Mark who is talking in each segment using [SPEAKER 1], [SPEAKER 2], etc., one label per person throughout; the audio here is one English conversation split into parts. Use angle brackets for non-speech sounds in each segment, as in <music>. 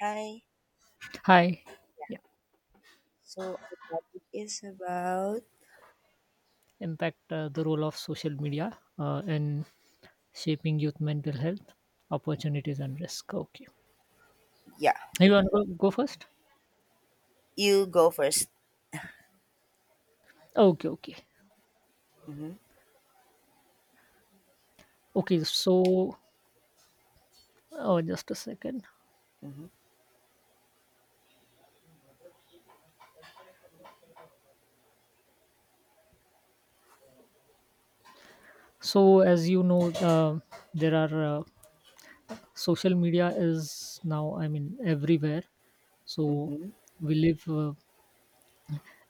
[SPEAKER 1] Hi.
[SPEAKER 2] Hi. Yeah.
[SPEAKER 1] So the topic is about.
[SPEAKER 2] Impact, the role of social media in shaping youth mental health, opportunities, and risk. Okay.
[SPEAKER 1] Yeah.
[SPEAKER 2] You want to go first?
[SPEAKER 1] You go first.
[SPEAKER 2] Okay. Okay.
[SPEAKER 1] Mhm.
[SPEAKER 2] Okay. So, oh, just a second.
[SPEAKER 1] Mhm.
[SPEAKER 2] So, as you know, there are, social media is now, I mean, everywhere. So,
[SPEAKER 1] Mhm.
[SPEAKER 2] we live.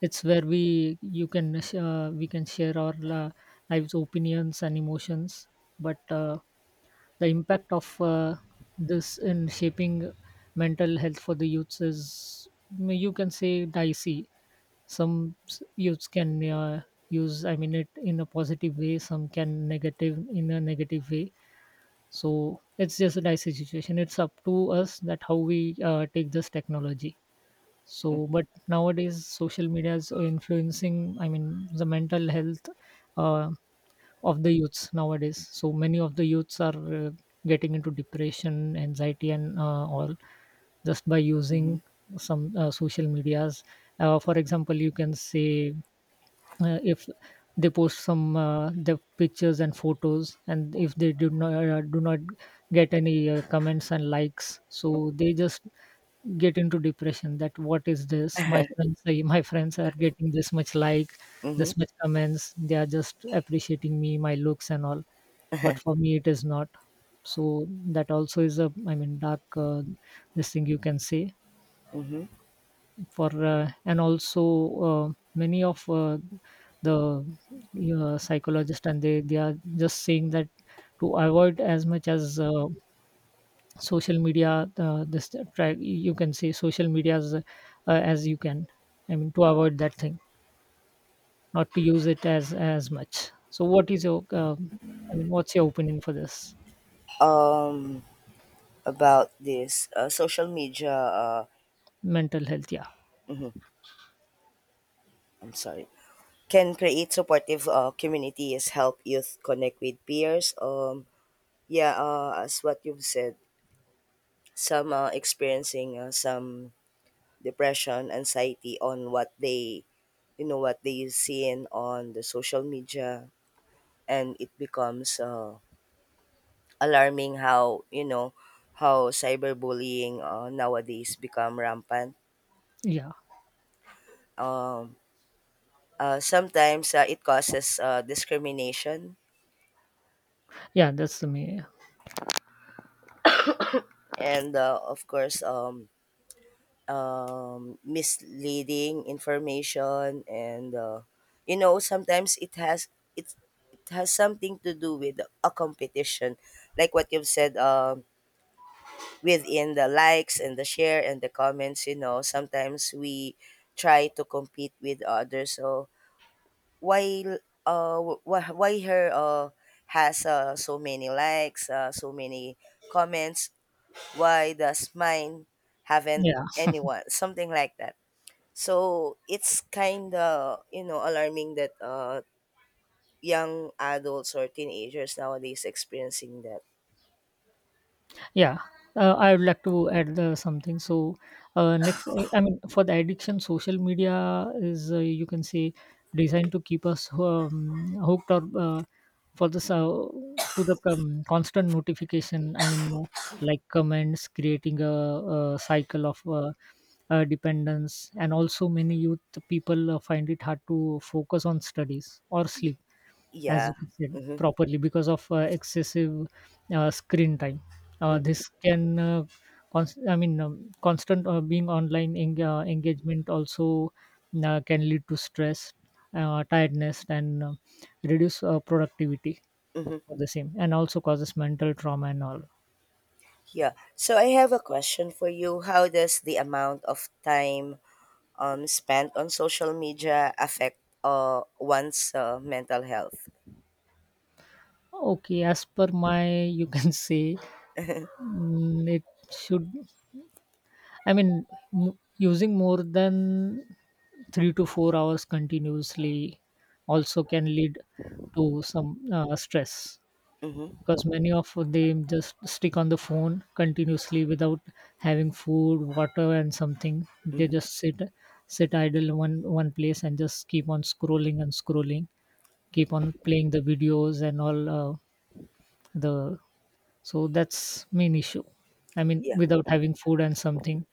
[SPEAKER 2] It's where we, you can, we can share our lives, opinions, and emotions. But the impact of this in shaping mental health for the youths is, you can say, dicey. Some youths can use, I mean, it in a positive way. Some can negative in a negative way. So it's just a dicey situation. It's up to us that how we take this technology.
[SPEAKER 1] Mhm.
[SPEAKER 2] So, but nowadays social media is influencing, I mean, the mental health uh, of the youths nowadays. So many of the youths are getting into depression, anxiety, and all, just by using some social medias, for example, you can say, if they post some the pictures and photos, and if they do not get any comments and likes, so they just get into depression, that what is this, my friends say, my friends are getting this much like,
[SPEAKER 1] Mhm.
[SPEAKER 2] this much comments, they are just appreciating me, my looks and all, but for me it is not. So that also is a, I mean, dark, this thing, you can say.
[SPEAKER 1] Mhm.
[SPEAKER 2] For and also, uh, many of the psychologist, and they are just saying that, to avoid as much as social media, this, try, you can say social media as you can, I mean, to avoid that thing, not to use it as much. So what is your I mean, what's your opinion for this
[SPEAKER 1] About this social media.
[SPEAKER 2] mental health? Yeah,
[SPEAKER 1] I'm sorry. Can create supportive communities help youth connect with peers. Yeah. As what you've said, some experiencing some depression, anxiety on what they what they see in on the social media, and it becomes alarming how how cyberbullying nowadays become rampant.
[SPEAKER 2] yeah.
[SPEAKER 1] Um, sometimes it causes discrimination,
[SPEAKER 2] Yeah, that's the me.
[SPEAKER 1] and of course, misleading information, and sometimes it, it has something to do with a competition, like what you've said, within the likes and the share and the comments. Sometimes we try to compete with others. So why uh why her has so many likes, so many comments? Why does mine haven't
[SPEAKER 2] Yeah,
[SPEAKER 1] anyone, something like that? So it's kind of alarming that young adults or teenagers nowadays experiencing that.
[SPEAKER 2] yeah. I would like to add something. So, next, I mean, for the addiction, social media is, you can say, designed to keep us hooked or for this, to the constant notification. I mean, like comments, creating a cycle of dependence, and also many youth people find it hard to focus on studies or sleep, as
[SPEAKER 1] Yeah.
[SPEAKER 2] you said
[SPEAKER 1] Mm-hmm.
[SPEAKER 2] properly, because of excessive screen time. This can, I mean, constant being online, engagement also can lead to stress, tiredness, and reduce productivity
[SPEAKER 1] Mm-hmm.
[SPEAKER 2] for the same, and also causes mental trauma and all.
[SPEAKER 1] Yeah, so I have a question for you. How does the amount of time spent on social media affect one's mental health?
[SPEAKER 2] Okay, as per my, you can <laughs> say, it should, I mean, using more than 3 to 4 hours continuously also can lead to some stress.
[SPEAKER 1] Mm-hmm.
[SPEAKER 2] Because many of them just stick on the phone continuously without having food, water and something, they just sit idle in one place and just keep on scrolling and scrolling, keep on playing the videos and all. The, so that's main issue, I mean,
[SPEAKER 1] Yeah.
[SPEAKER 2] without having food and something,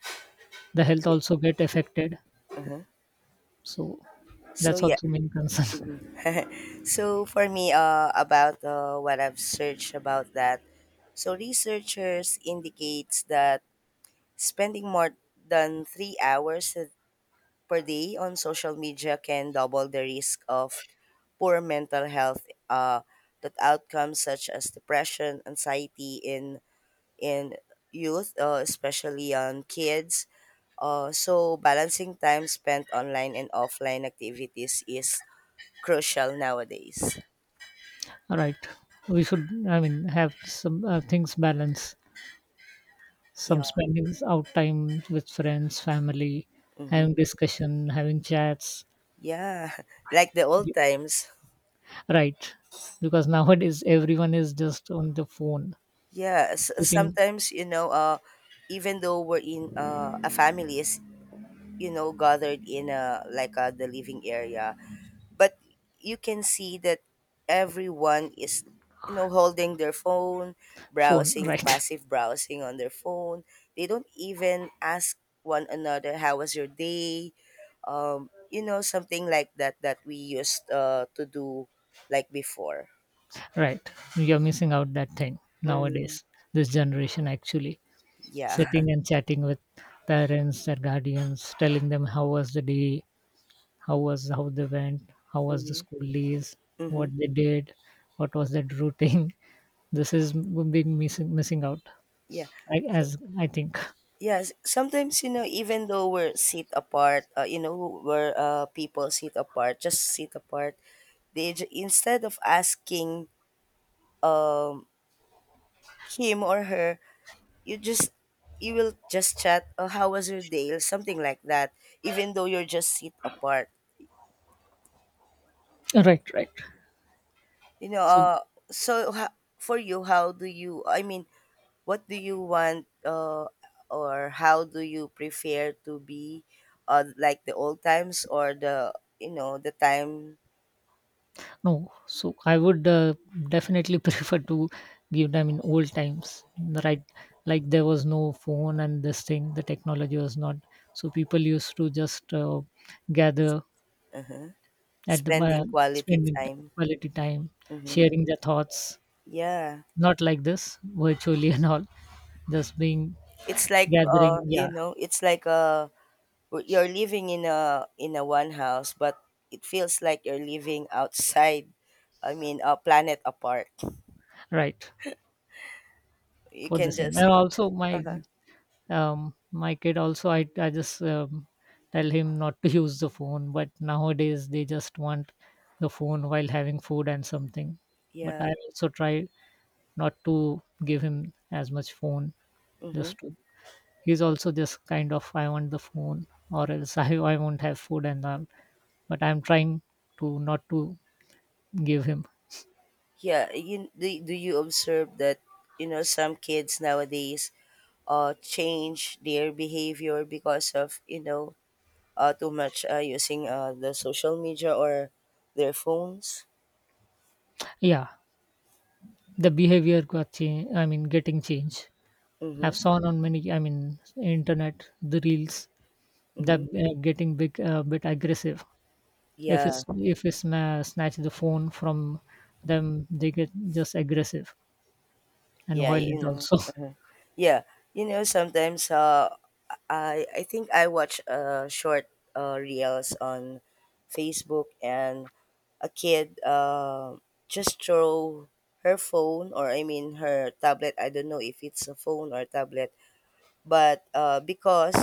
[SPEAKER 2] the health
[SPEAKER 1] Yeah.
[SPEAKER 2] also get affected. So
[SPEAKER 1] So
[SPEAKER 2] that's
[SPEAKER 1] yeah.
[SPEAKER 2] also main concern. <laughs>
[SPEAKER 1] <laughs> So for me, about what I've searched about that, so researchers indicates that spending more than 3 hours per day on social media can double the risk of poor mental health that outcomes, such as depression, anxiety, and in youth, especially on kids. So balancing time spent online and offline activities is crucial nowadays.
[SPEAKER 2] Right. We should, I mean, have some things balance, some
[SPEAKER 1] Yeah.
[SPEAKER 2] spending out time with friends, family,
[SPEAKER 1] Mm-hmm.
[SPEAKER 2] having discussion, having chats.
[SPEAKER 1] Yeah. <laughs> Like the old
[SPEAKER 2] Ye-
[SPEAKER 1] times.
[SPEAKER 2] Right. Because nowadays everyone is just on the phone,
[SPEAKER 1] Yeah.
[SPEAKER 2] sitting
[SPEAKER 1] Sometimes, even though we're in a family is, gathered in a, like, the living area, but you can see that everyone is holding their phone,
[SPEAKER 2] phone. <laughs>
[SPEAKER 1] browsing
[SPEAKER 2] Right.
[SPEAKER 1] passive browsing on their phone. They don't even ask one another how was your day, something like that we used to do like before.
[SPEAKER 2] Right. You're missing out that thing
[SPEAKER 1] Mm-hmm.
[SPEAKER 2] nowadays, this generation actually,
[SPEAKER 1] Yeah.
[SPEAKER 2] sitting and chatting with parents, their guardians, telling them how was the day, how was, how they went, how
[SPEAKER 1] <laughs>
[SPEAKER 2] was the
[SPEAKER 1] Mm-hmm.
[SPEAKER 2] school days,
[SPEAKER 1] Mm-hmm.
[SPEAKER 2] what they did, what was that routine. <laughs> This is big missing out,
[SPEAKER 1] Yeah. So,
[SPEAKER 2] as I think.
[SPEAKER 1] yes, sometimes, even though we're sit apart, where people sit apart, just sit apart. Instead of asking, um, him or her, you just you will just chat. Oh, how was your day? Or something like that. Even though you're just sit apart,
[SPEAKER 2] <laughs> Right, right.
[SPEAKER 1] you know.
[SPEAKER 2] So,
[SPEAKER 1] So, for you, how do you? I mean, what do you want, or how do you prefer to be, like the old times or the you know the time?
[SPEAKER 2] no, so I would definitely <laughs> prefer to give them in old times. Right, like there was no phone and this thing, the technology was not. So people used to just gather
[SPEAKER 1] Uh-huh.
[SPEAKER 2] at the,
[SPEAKER 1] Spending quality
[SPEAKER 2] spending
[SPEAKER 1] time.
[SPEAKER 2] quality time,
[SPEAKER 1] Mm-hmm.
[SPEAKER 2] sharing their thoughts,
[SPEAKER 1] Yeah.
[SPEAKER 2] not like this virtually, <laughs> and all, just being
[SPEAKER 1] It's like uh,
[SPEAKER 2] gathering,
[SPEAKER 1] you
[SPEAKER 2] yeah.
[SPEAKER 1] know, it's like uh you're living in a one house, but it feels like you're living outside. I mean, a planet apart.
[SPEAKER 2] Right.
[SPEAKER 1] You
[SPEAKER 2] For the
[SPEAKER 1] can
[SPEAKER 2] same, and
[SPEAKER 1] just.
[SPEAKER 2] also my
[SPEAKER 1] Uh-huh.
[SPEAKER 2] um my kid also, I just, tell him not to <laughs> use the phone. But nowadays they just want the phone while having food and something. But
[SPEAKER 1] Yeah.
[SPEAKER 2] I also try not to give him as much phone.
[SPEAKER 1] Mm-hmm.
[SPEAKER 2] Just to, he's also just kind of, I want the phone, or else, <laughs> I won't have food and all. But I'm trying to not to give him.
[SPEAKER 1] Yeah. Do you observe that, some kids nowadays change their behavior because of, too much using the social media or their phones?
[SPEAKER 2] Yeah, the behavior got change, I mean, getting changed. I've
[SPEAKER 1] Mm-hmm.
[SPEAKER 2] seen on many, I mean, internet, the reels, that
[SPEAKER 1] Mm-hmm.
[SPEAKER 2] getting big, a bit aggressive. If
[SPEAKER 1] Yeah.
[SPEAKER 2] it's if it's snatch the phone from them, they get just aggressive and
[SPEAKER 1] Yeah. You
[SPEAKER 2] violent
[SPEAKER 1] know.
[SPEAKER 2] also.
[SPEAKER 1] Yeah. You know, sometimes I think I watch short reels on Facebook, and a kid just throw her phone, or I mean her tablet. I don't know if it's a phone or tablet, but because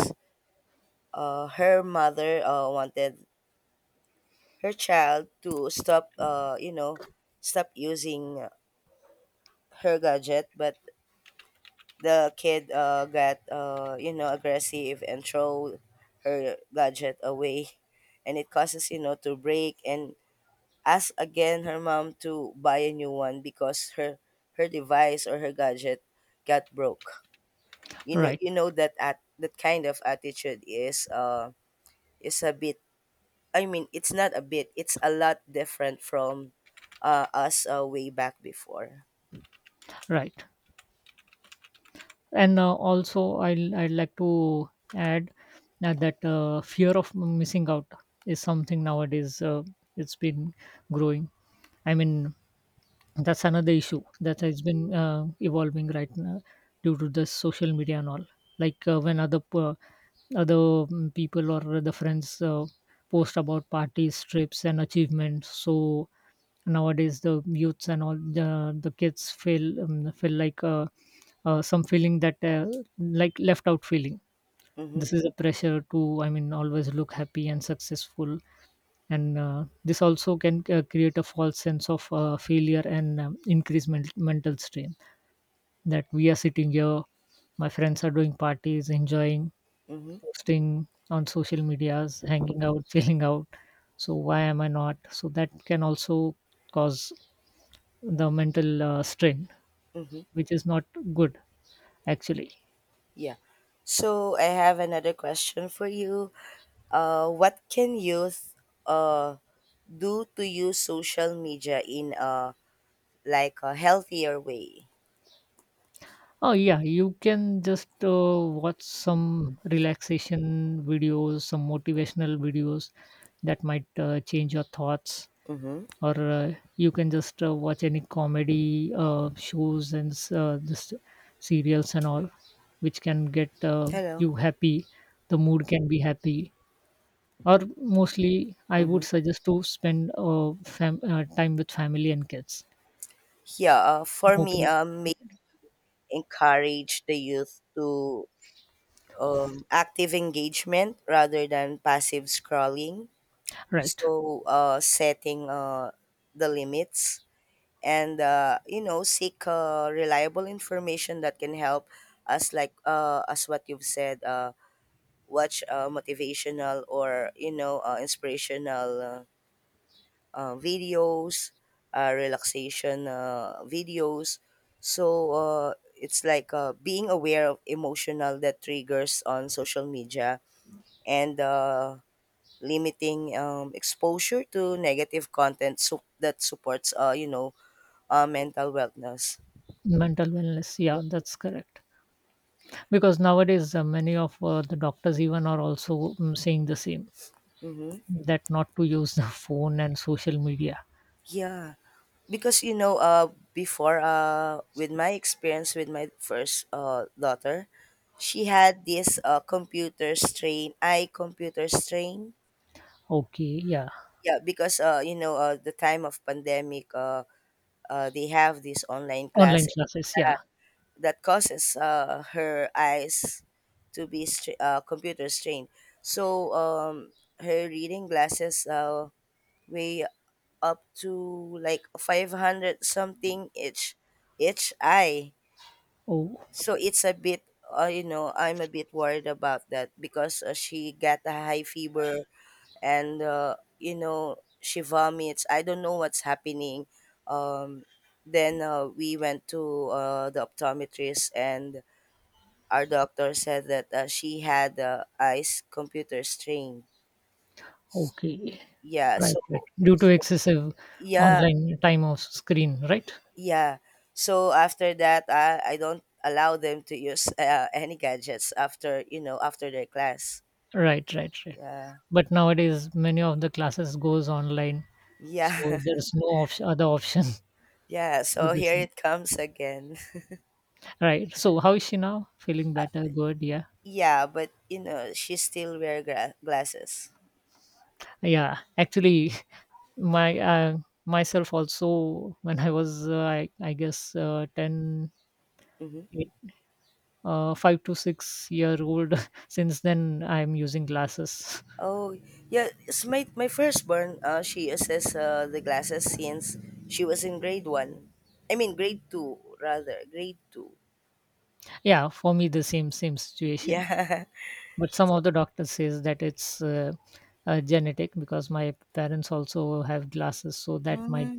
[SPEAKER 1] her mother wanted her child to stop you know stop using her gadget. But the kid got aggressive and throw her gadget away, and it causes to break, and ask again her mom to buy a new one because her device or her gadget got broke.
[SPEAKER 2] <laughs>
[SPEAKER 1] you know
[SPEAKER 2] Right,
[SPEAKER 1] you know that at that kind of attitude is a bit. I mean, it's not a bit, it's a lot different from us, way back before.
[SPEAKER 2] right. And also, I'd like to add that that fear of missing out is something nowadays. It's been growing. I mean, that's another issue that has been evolving right now due to the social media and all. Like when other people or the friends post about parties, trips, and achievements. So nowadays the youths and all the kids feel feel like some feeling that like left out feeling.
[SPEAKER 1] Mm-hmm.
[SPEAKER 2] This is a pressure to, I mean, always look happy and successful, and this also can create a false sense of failure and increase mental strain, that we are sitting here, my friends are doing parties, enjoying,
[SPEAKER 1] Mm-hmm.
[SPEAKER 2] posting on social medias, hanging out <laughs> chilling out, so why am I not? So that can also cause the mental strain,
[SPEAKER 1] Mm-hmm.
[SPEAKER 2] which is not good actually.
[SPEAKER 1] Yeah. So I have another question for you. What can youth uh, do to use social media in a like a healthier way?
[SPEAKER 2] Oh yeah, you can just watch some relaxation videos, some motivational videos that might change your thoughts.
[SPEAKER 1] Mm-hmm.
[SPEAKER 2] Or you can just watch any comedy shows and just serials and all, which can get
[SPEAKER 1] Hello.
[SPEAKER 2] you happy, the mood can be happy. Or mostly, I would
[SPEAKER 1] Mm-hmm.
[SPEAKER 2] suggest to spend time with family and kids.
[SPEAKER 1] Yeah. For me,
[SPEAKER 2] Okay.
[SPEAKER 1] may encourage the youth to active engagement rather than passive scrolling.
[SPEAKER 2] Right.
[SPEAKER 1] So setting the limits, and seek reliable information that can help us, like, as what you've said, watch, motivational or inspirational, videos, relaxation, videos. So it's like being aware of emotional that triggers on social media, and limiting, exposure to negative content, so that supports, mental wellness.
[SPEAKER 2] Mental wellness, yeah, that's correct. Because nowadays many of the doctors even are also saying the same, that not to use the <laughs> phone and social media.
[SPEAKER 1] Yeah, because before, with my experience with my first, daughter, she had this computer strain, eye computer strain.
[SPEAKER 2] Okay, yeah.
[SPEAKER 1] Yeah, because the time of pandemic, they have this online
[SPEAKER 2] Online
[SPEAKER 1] class.
[SPEAKER 2] classes,
[SPEAKER 1] Yeah,
[SPEAKER 2] yeah.
[SPEAKER 1] that causes her eyes to be computer strained. So her reading glasses weigh up to like 500 something each eye.
[SPEAKER 2] Oh,
[SPEAKER 1] So it's a bit, I'm a bit worried about that because she got a high fever, and she vomits. I don't know what's happening. Um, then we went to the optometrist, and our doctor said that she had eyes computer strain.
[SPEAKER 2] okay.
[SPEAKER 1] Yeah.
[SPEAKER 2] Right,
[SPEAKER 1] So,
[SPEAKER 2] right. Due to
[SPEAKER 1] so
[SPEAKER 2] excessive
[SPEAKER 1] yeah,
[SPEAKER 2] online time of screen, right?
[SPEAKER 1] yeah. So after that, I don't allow them to use any gadgets after you know after their class.
[SPEAKER 2] Right, right, right.
[SPEAKER 1] Yeah.
[SPEAKER 2] But nowadays, many of the classes goes online, so
[SPEAKER 1] Yeah. <laughs>
[SPEAKER 2] there's no option, other option,
[SPEAKER 1] Yeah.
[SPEAKER 2] <laughs> for
[SPEAKER 1] So
[SPEAKER 2] the
[SPEAKER 1] here
[SPEAKER 2] same.
[SPEAKER 1] it comes again. <laughs>
[SPEAKER 2] Right. So how is she now? Feeling better? Good? Yeah.
[SPEAKER 1] Yeah, but you know she still wear glasses.
[SPEAKER 2] Yeah. Actually, <laughs> my myself also, when I was I guess 10, 8, 5 to 6 year old. <laughs> Since then, I'm using glasses.
[SPEAKER 1] Oh, yeah. It's my firstborn. She uses the glasses since she was in grade one. I mean, grade two rather. Grade two.
[SPEAKER 2] Yeah, for me the same situation.
[SPEAKER 1] Yeah.
[SPEAKER 2] But some of the doctors says that it's genetic, because my parents also have glasses, so that might,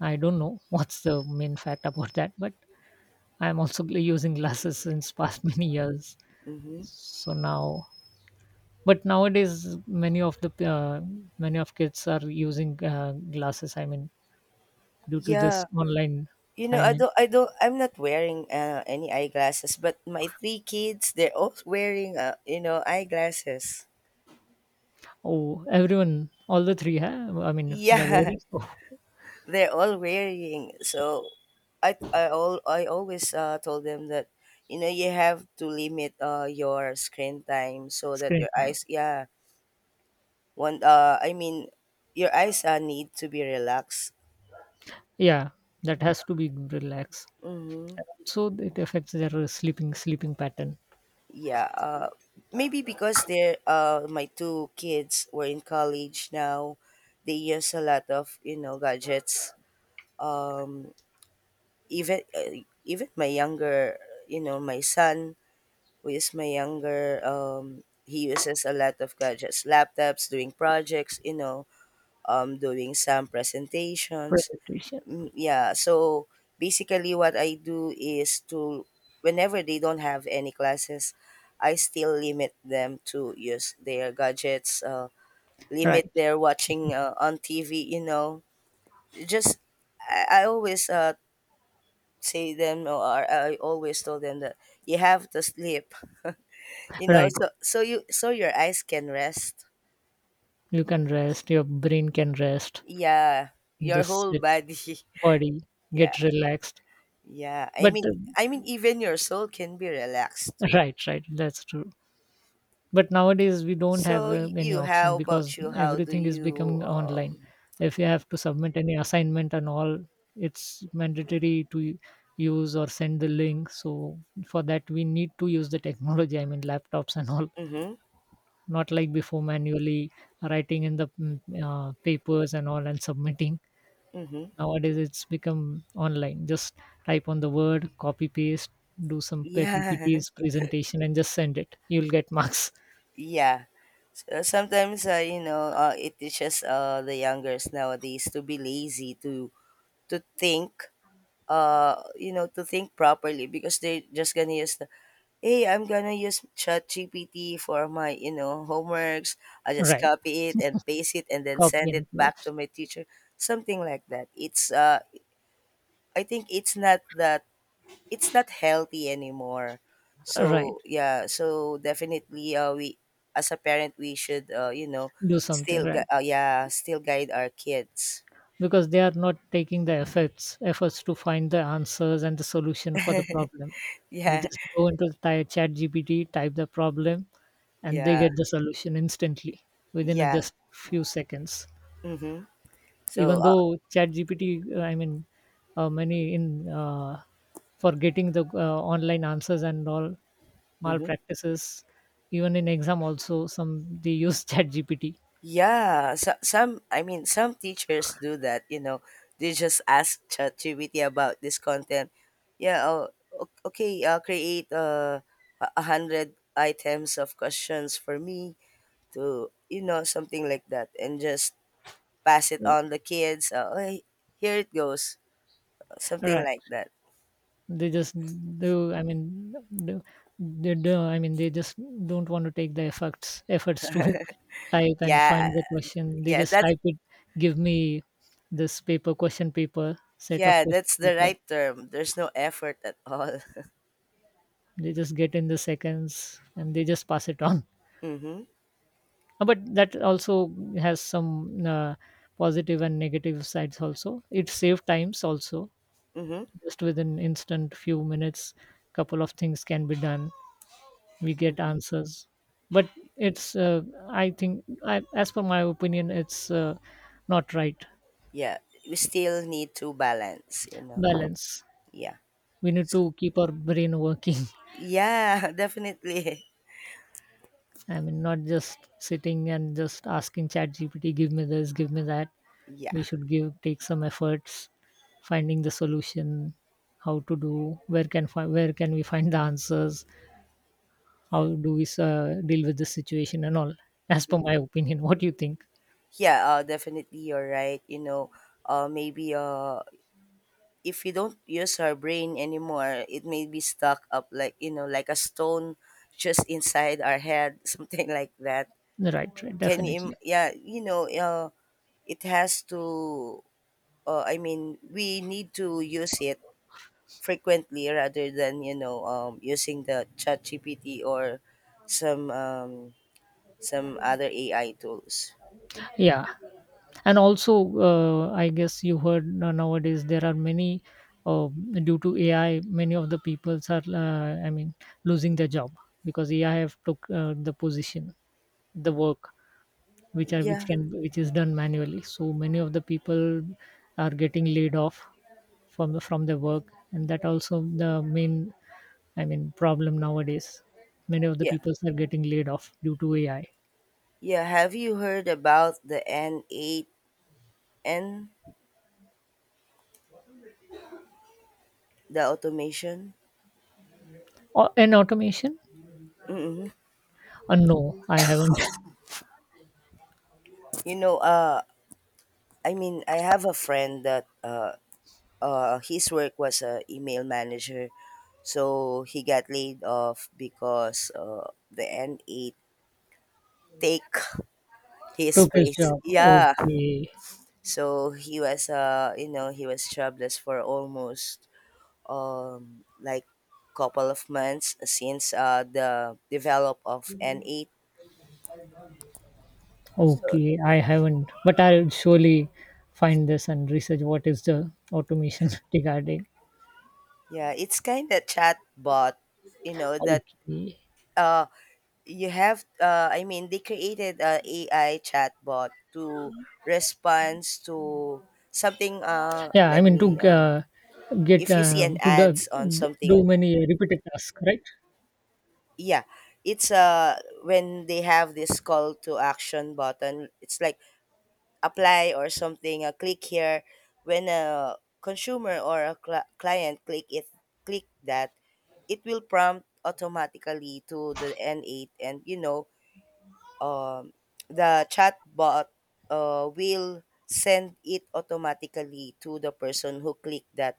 [SPEAKER 2] I don't know, <laughs> what's the main fact about that. But I'm also <laughs> using glasses since past <laughs> many years. So now, but nowadays many of kids are using glasses. I mean,
[SPEAKER 1] <laughs>
[SPEAKER 2] due to this
[SPEAKER 1] Yeah.
[SPEAKER 2] online
[SPEAKER 1] You know,
[SPEAKER 2] timing.
[SPEAKER 1] I'm not wearing any eyeglasses, but my three kids, they're all wearing, eyeglasses.
[SPEAKER 2] Oh, everyone, all the three. Huh? I mean, they're
[SPEAKER 1] Yeah.
[SPEAKER 2] very <laughs> oh,
[SPEAKER 1] <laughs> They're all wearing. So, I always told them that, you have to limit your screen time so that
[SPEAKER 2] screen
[SPEAKER 1] your
[SPEAKER 2] time.
[SPEAKER 1] eyes, yeah, I mean, your eyes need to be relaxed.
[SPEAKER 2] Yeah, that has to be relaxed.
[SPEAKER 1] Mm-hmm.
[SPEAKER 2] So it affects their sleeping pattern.
[SPEAKER 1] Yeah. Maybe because they're my two kids were in college now, they use a lot of gadgets. Um, even my younger, you know, my son, who is my younger, he uses a lot of gadgets, laptops, doing projects, doing some presentations.
[SPEAKER 2] Presentation.
[SPEAKER 1] Mm, yeah, so basically what I do is to whenever they don't have any classes, I still limit them to use their gadgets, limit
[SPEAKER 2] Right.
[SPEAKER 1] their watching on TV, you know. Just, I always say them, or I always tell them that you have to sleep, <laughs> you know,
[SPEAKER 2] Right.
[SPEAKER 1] so so you so your eyes can rest.
[SPEAKER 2] You can rest, your brain can rest,
[SPEAKER 1] Yeah,
[SPEAKER 2] the
[SPEAKER 1] your whole
[SPEAKER 2] sit
[SPEAKER 1] body. <laughs>
[SPEAKER 2] body
[SPEAKER 1] Yeah.
[SPEAKER 2] get relaxed.
[SPEAKER 1] Yeah. I
[SPEAKER 2] But
[SPEAKER 1] mean I mean even your soul can be relaxed too.
[SPEAKER 2] right, right, that's true. But nowadays we don't have
[SPEAKER 1] So
[SPEAKER 2] any
[SPEAKER 1] you,
[SPEAKER 2] option
[SPEAKER 1] how
[SPEAKER 2] because
[SPEAKER 1] about you? How do
[SPEAKER 2] everything is
[SPEAKER 1] you?
[SPEAKER 2] becoming online. If you have to submit any assignment and all, it's mandatory to use or send the link. So for that we need to use the technology, I mean laptops and all,
[SPEAKER 1] Mhm.
[SPEAKER 2] not like before, manually writing in the, papers and all, and submitting.
[SPEAKER 1] Mhm.
[SPEAKER 2] Nowadays it's become online, just type on the word, copy paste, do some
[SPEAKER 1] Yeah.
[SPEAKER 2] ppts presentation, and just send it, you'll get <laughs> marks.
[SPEAKER 1] <laughs> Yeah. So sometimes, it teaches the youngers nowadays to be lazy to think to think properly, because they're just gonna use the hey I'm gonna use Chat GPT for my homeworks. I just
[SPEAKER 2] Right,
[SPEAKER 1] copy it and paste it, and then
[SPEAKER 2] copy
[SPEAKER 1] send it
[SPEAKER 2] and
[SPEAKER 1] back
[SPEAKER 2] paste,
[SPEAKER 1] to my teacher, something like that. It's I think it's not healthy anymore. So,
[SPEAKER 2] right,
[SPEAKER 1] yeah, so definitely, we, as a parent, we should,
[SPEAKER 2] do something, right.
[SPEAKER 1] yeah, still guide our kids. <laughs>
[SPEAKER 2] Because they are not taking the efforts to find the answers and the solution for the problem. They
[SPEAKER 1] Yeah,
[SPEAKER 2] just go into the chat gpt, type the problem, and they
[SPEAKER 1] yeah,
[SPEAKER 2] get the solution instantly within a
[SPEAKER 1] yeah.
[SPEAKER 2] just few seconds.
[SPEAKER 1] Mm-hmm. So
[SPEAKER 2] Even though chat gpt, I mean, many in for getting the online answers and all
[SPEAKER 1] mhm.
[SPEAKER 2] malpractices, even in exam also some, they use <laughs> chat gpt.
[SPEAKER 1] Yeah, so, some I mean, some teachers do that. You know, they just ask ChatGPT about this content. Yeah. Oh, okay. Create a hundred items of questions for me to, something like that, and just pass it on the kids, "Hey, here it goes," something
[SPEAKER 2] Right,
[SPEAKER 1] like that.
[SPEAKER 2] they just do, I mean, do, they do, I mean, they just don't want to take the efforts to <laughs> type and
[SPEAKER 1] Yeah.
[SPEAKER 2] find the question, they
[SPEAKER 1] Yeah.
[SPEAKER 2] just
[SPEAKER 1] that
[SPEAKER 2] type it, give me this paper, question paper, set of
[SPEAKER 1] yeah,
[SPEAKER 2] question
[SPEAKER 1] that's the
[SPEAKER 2] paper,
[SPEAKER 1] right term, there's no effort at all.
[SPEAKER 2] they just get in the seconds and they just pass it on. <laughs>
[SPEAKER 1] <laughs> Mm-hmm.
[SPEAKER 2] But that also has some positive and negative sides, also it saves times also,
[SPEAKER 1] Mm-hmm.
[SPEAKER 2] just within instant few minutes, couple of things can be done, we get answers. But it's I think, as per my opinion, it's not right.
[SPEAKER 1] Yeah, we still need to balance, you know.
[SPEAKER 2] Balance,
[SPEAKER 1] Yeah.
[SPEAKER 2] we need to keep our brain working. <laughs>
[SPEAKER 1] Yeah. <laughs> Definitely.
[SPEAKER 2] I mean, not just sitting and just asking chat gpt, give me this, give me that.
[SPEAKER 1] Yeah.
[SPEAKER 2] We should give, take some efforts, finding the solution, how to do, where can we find the answers, how do we deal with the situation and all, as per my opinion. <laughs> What do you think?
[SPEAKER 1] Yeah, definitely you're right, you know. Maybe, if we don't use our brain anymore, it may be stuck up like a stone just inside our head, <laughs> something like that.
[SPEAKER 2] Right, right, definitely.
[SPEAKER 1] Yeah, it has to, I mean, we need to use it frequently rather than, using the Chat GPT or some, um, some other AI tools.
[SPEAKER 2] Yeah. And also I guess you heard, nowadays there are many, uh, due to AI, many of the peoples are I mean losing their job, because AI have took the position, the work which are which
[SPEAKER 1] Yeah,
[SPEAKER 2] can which is done manually. So many of the people are getting laid off from their work, and that also the main, I mean, problem nowadays, many of the
[SPEAKER 1] yeah,
[SPEAKER 2] people are getting laid off due to AI.
[SPEAKER 1] yeah. Have you heard about the N8N, the automation?
[SPEAKER 2] Or, and automation.
[SPEAKER 1] Mm-hmm.
[SPEAKER 2] No, I haven't. <laughs>
[SPEAKER 1] You know, I mean, I have a friend that, his work was a email manager, so he got laid off because the N8 take <laughs> his
[SPEAKER 2] Took his
[SPEAKER 1] place.
[SPEAKER 2] job.
[SPEAKER 1] Yeah,
[SPEAKER 2] Okay.
[SPEAKER 1] so he was jobless for almost, like, couple of months since the develop of N8. So
[SPEAKER 2] Okay. I haven't, but I'll surely find this and research what is the automation <laughs> regarding.
[SPEAKER 1] yeah, it's kind of chatbot, you know that,
[SPEAKER 2] Okay.
[SPEAKER 1] uh you have, I mean they created a AI chatbot to response to something,
[SPEAKER 2] Yeah, I
[SPEAKER 1] let
[SPEAKER 2] mean to
[SPEAKER 1] me,
[SPEAKER 2] get
[SPEAKER 1] if you see an
[SPEAKER 2] to do,
[SPEAKER 1] ads on something
[SPEAKER 2] do many repeated tasks, right?
[SPEAKER 1] yeah, it's when they have this call to action button, it's like apply or something, click here. When a consumer or a client click that, it will prompt automatically to the N8, and, um, the chatbot will send it automatically to the person who clicked that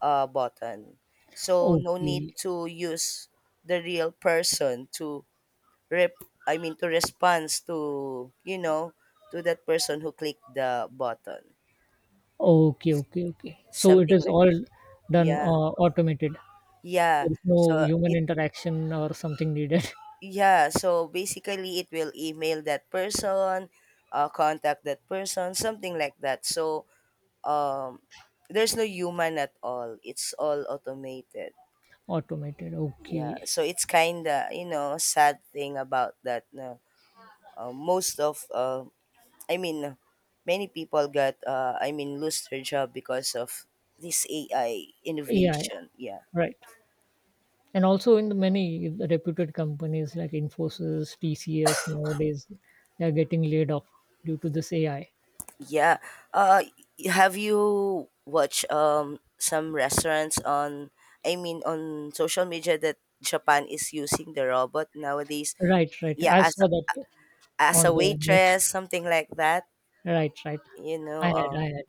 [SPEAKER 1] button. So no need
[SPEAKER 2] Okay.
[SPEAKER 1] to use the real person to rep. I mean, to respond to you know to that person who clicked the button.
[SPEAKER 2] Okay. Okay. Okay. So it
[SPEAKER 1] Something
[SPEAKER 2] is
[SPEAKER 1] like
[SPEAKER 2] all
[SPEAKER 1] that.
[SPEAKER 2] done,
[SPEAKER 1] Yeah.
[SPEAKER 2] automated.
[SPEAKER 1] Yeah.
[SPEAKER 2] There's no
[SPEAKER 1] So,
[SPEAKER 2] human
[SPEAKER 1] it
[SPEAKER 2] interaction or something needed.
[SPEAKER 1] yeah, so basically it will email that person, contact that person, something like that. So um there's no human at all, it's all automated.
[SPEAKER 2] <laughs> Automated.
[SPEAKER 1] Yeah,
[SPEAKER 2] Okay.
[SPEAKER 1] so it's kind of sad thing about that. No, most of, I mean, many people got, I mean, lose their job because of this AI
[SPEAKER 2] Yeah. Yeah.
[SPEAKER 1] innovation. Yeah.
[SPEAKER 2] Right. And also in the many reputed companies like Infosys, TCS nowadays, they are getting laid off due to this AI.
[SPEAKER 1] Yeah. uh have you watched, some restaurants on, I mean, on social media, that Japan is using the robot nowadays?
[SPEAKER 2] Right, right.
[SPEAKER 1] Yeah,
[SPEAKER 2] I
[SPEAKER 1] as
[SPEAKER 2] saw that
[SPEAKER 1] as
[SPEAKER 2] on
[SPEAKER 1] a
[SPEAKER 2] the net.
[SPEAKER 1] waitress,
[SPEAKER 2] <laughs>
[SPEAKER 1] something like that,
[SPEAKER 2] Right, right.
[SPEAKER 1] you
[SPEAKER 2] I
[SPEAKER 1] know.
[SPEAKER 2] had,
[SPEAKER 1] Uh,
[SPEAKER 2] I had.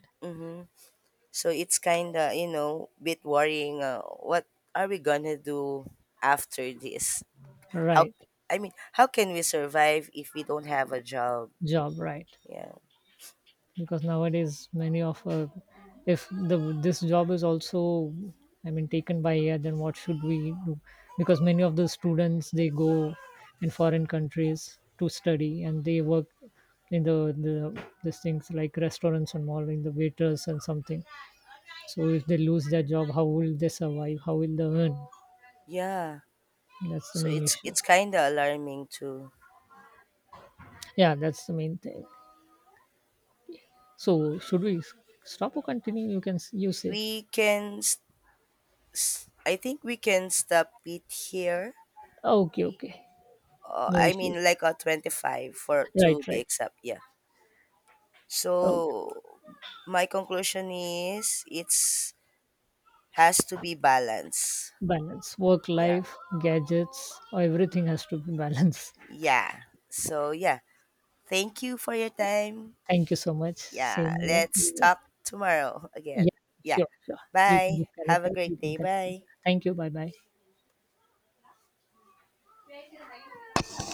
[SPEAKER 1] so it's kind of, you know, bit worrying. What are we going to do after this? How,
[SPEAKER 2] Right,
[SPEAKER 1] I mean, how can we survive if we don't have a job?
[SPEAKER 2] job, right.
[SPEAKER 1] Yeah.
[SPEAKER 2] Because nowadays many of if the this job is also, I mean, taken by AI, then what should we do? Because many of the students they go in foreign countries to study and they work in these things like restaurants and all, in the waiters and something. So if they lose their job, how will they survive, how will they earn?
[SPEAKER 1] Yeah.
[SPEAKER 2] That's the
[SPEAKER 1] So
[SPEAKER 2] main
[SPEAKER 1] it's,
[SPEAKER 2] issue.
[SPEAKER 1] it's kind of alarming too.
[SPEAKER 2] Yeah, that's the main thing. So should we stop or continue, you can, you say.
[SPEAKER 1] We can, I think we can stop it here.
[SPEAKER 2] Okay, okay, no
[SPEAKER 1] I
[SPEAKER 2] issues.
[SPEAKER 1] mean, like a 25
[SPEAKER 2] Right,
[SPEAKER 1] to be
[SPEAKER 2] right.
[SPEAKER 1] exact. Yeah.
[SPEAKER 2] Oh,
[SPEAKER 1] So my conclusion is, it's has to be balanced.
[SPEAKER 2] balance, work
[SPEAKER 1] Yeah.
[SPEAKER 2] life, gadgets, everything has to be balanced.
[SPEAKER 1] Yeah. So yeah. Thank you for your time.
[SPEAKER 2] <laughs> Thank you so much.
[SPEAKER 1] Yeah.
[SPEAKER 2] Same
[SPEAKER 1] Let's
[SPEAKER 2] here.
[SPEAKER 1] talk tomorrow <laughs> again.
[SPEAKER 2] Yeah,
[SPEAKER 1] Yeah.
[SPEAKER 2] sure, sure. You can
[SPEAKER 1] Bye. Have
[SPEAKER 2] disconnect
[SPEAKER 1] a
[SPEAKER 2] us. You
[SPEAKER 1] great
[SPEAKER 2] can
[SPEAKER 1] day.
[SPEAKER 2] connect.
[SPEAKER 1] Bye.
[SPEAKER 2] Thank you. Bye bye.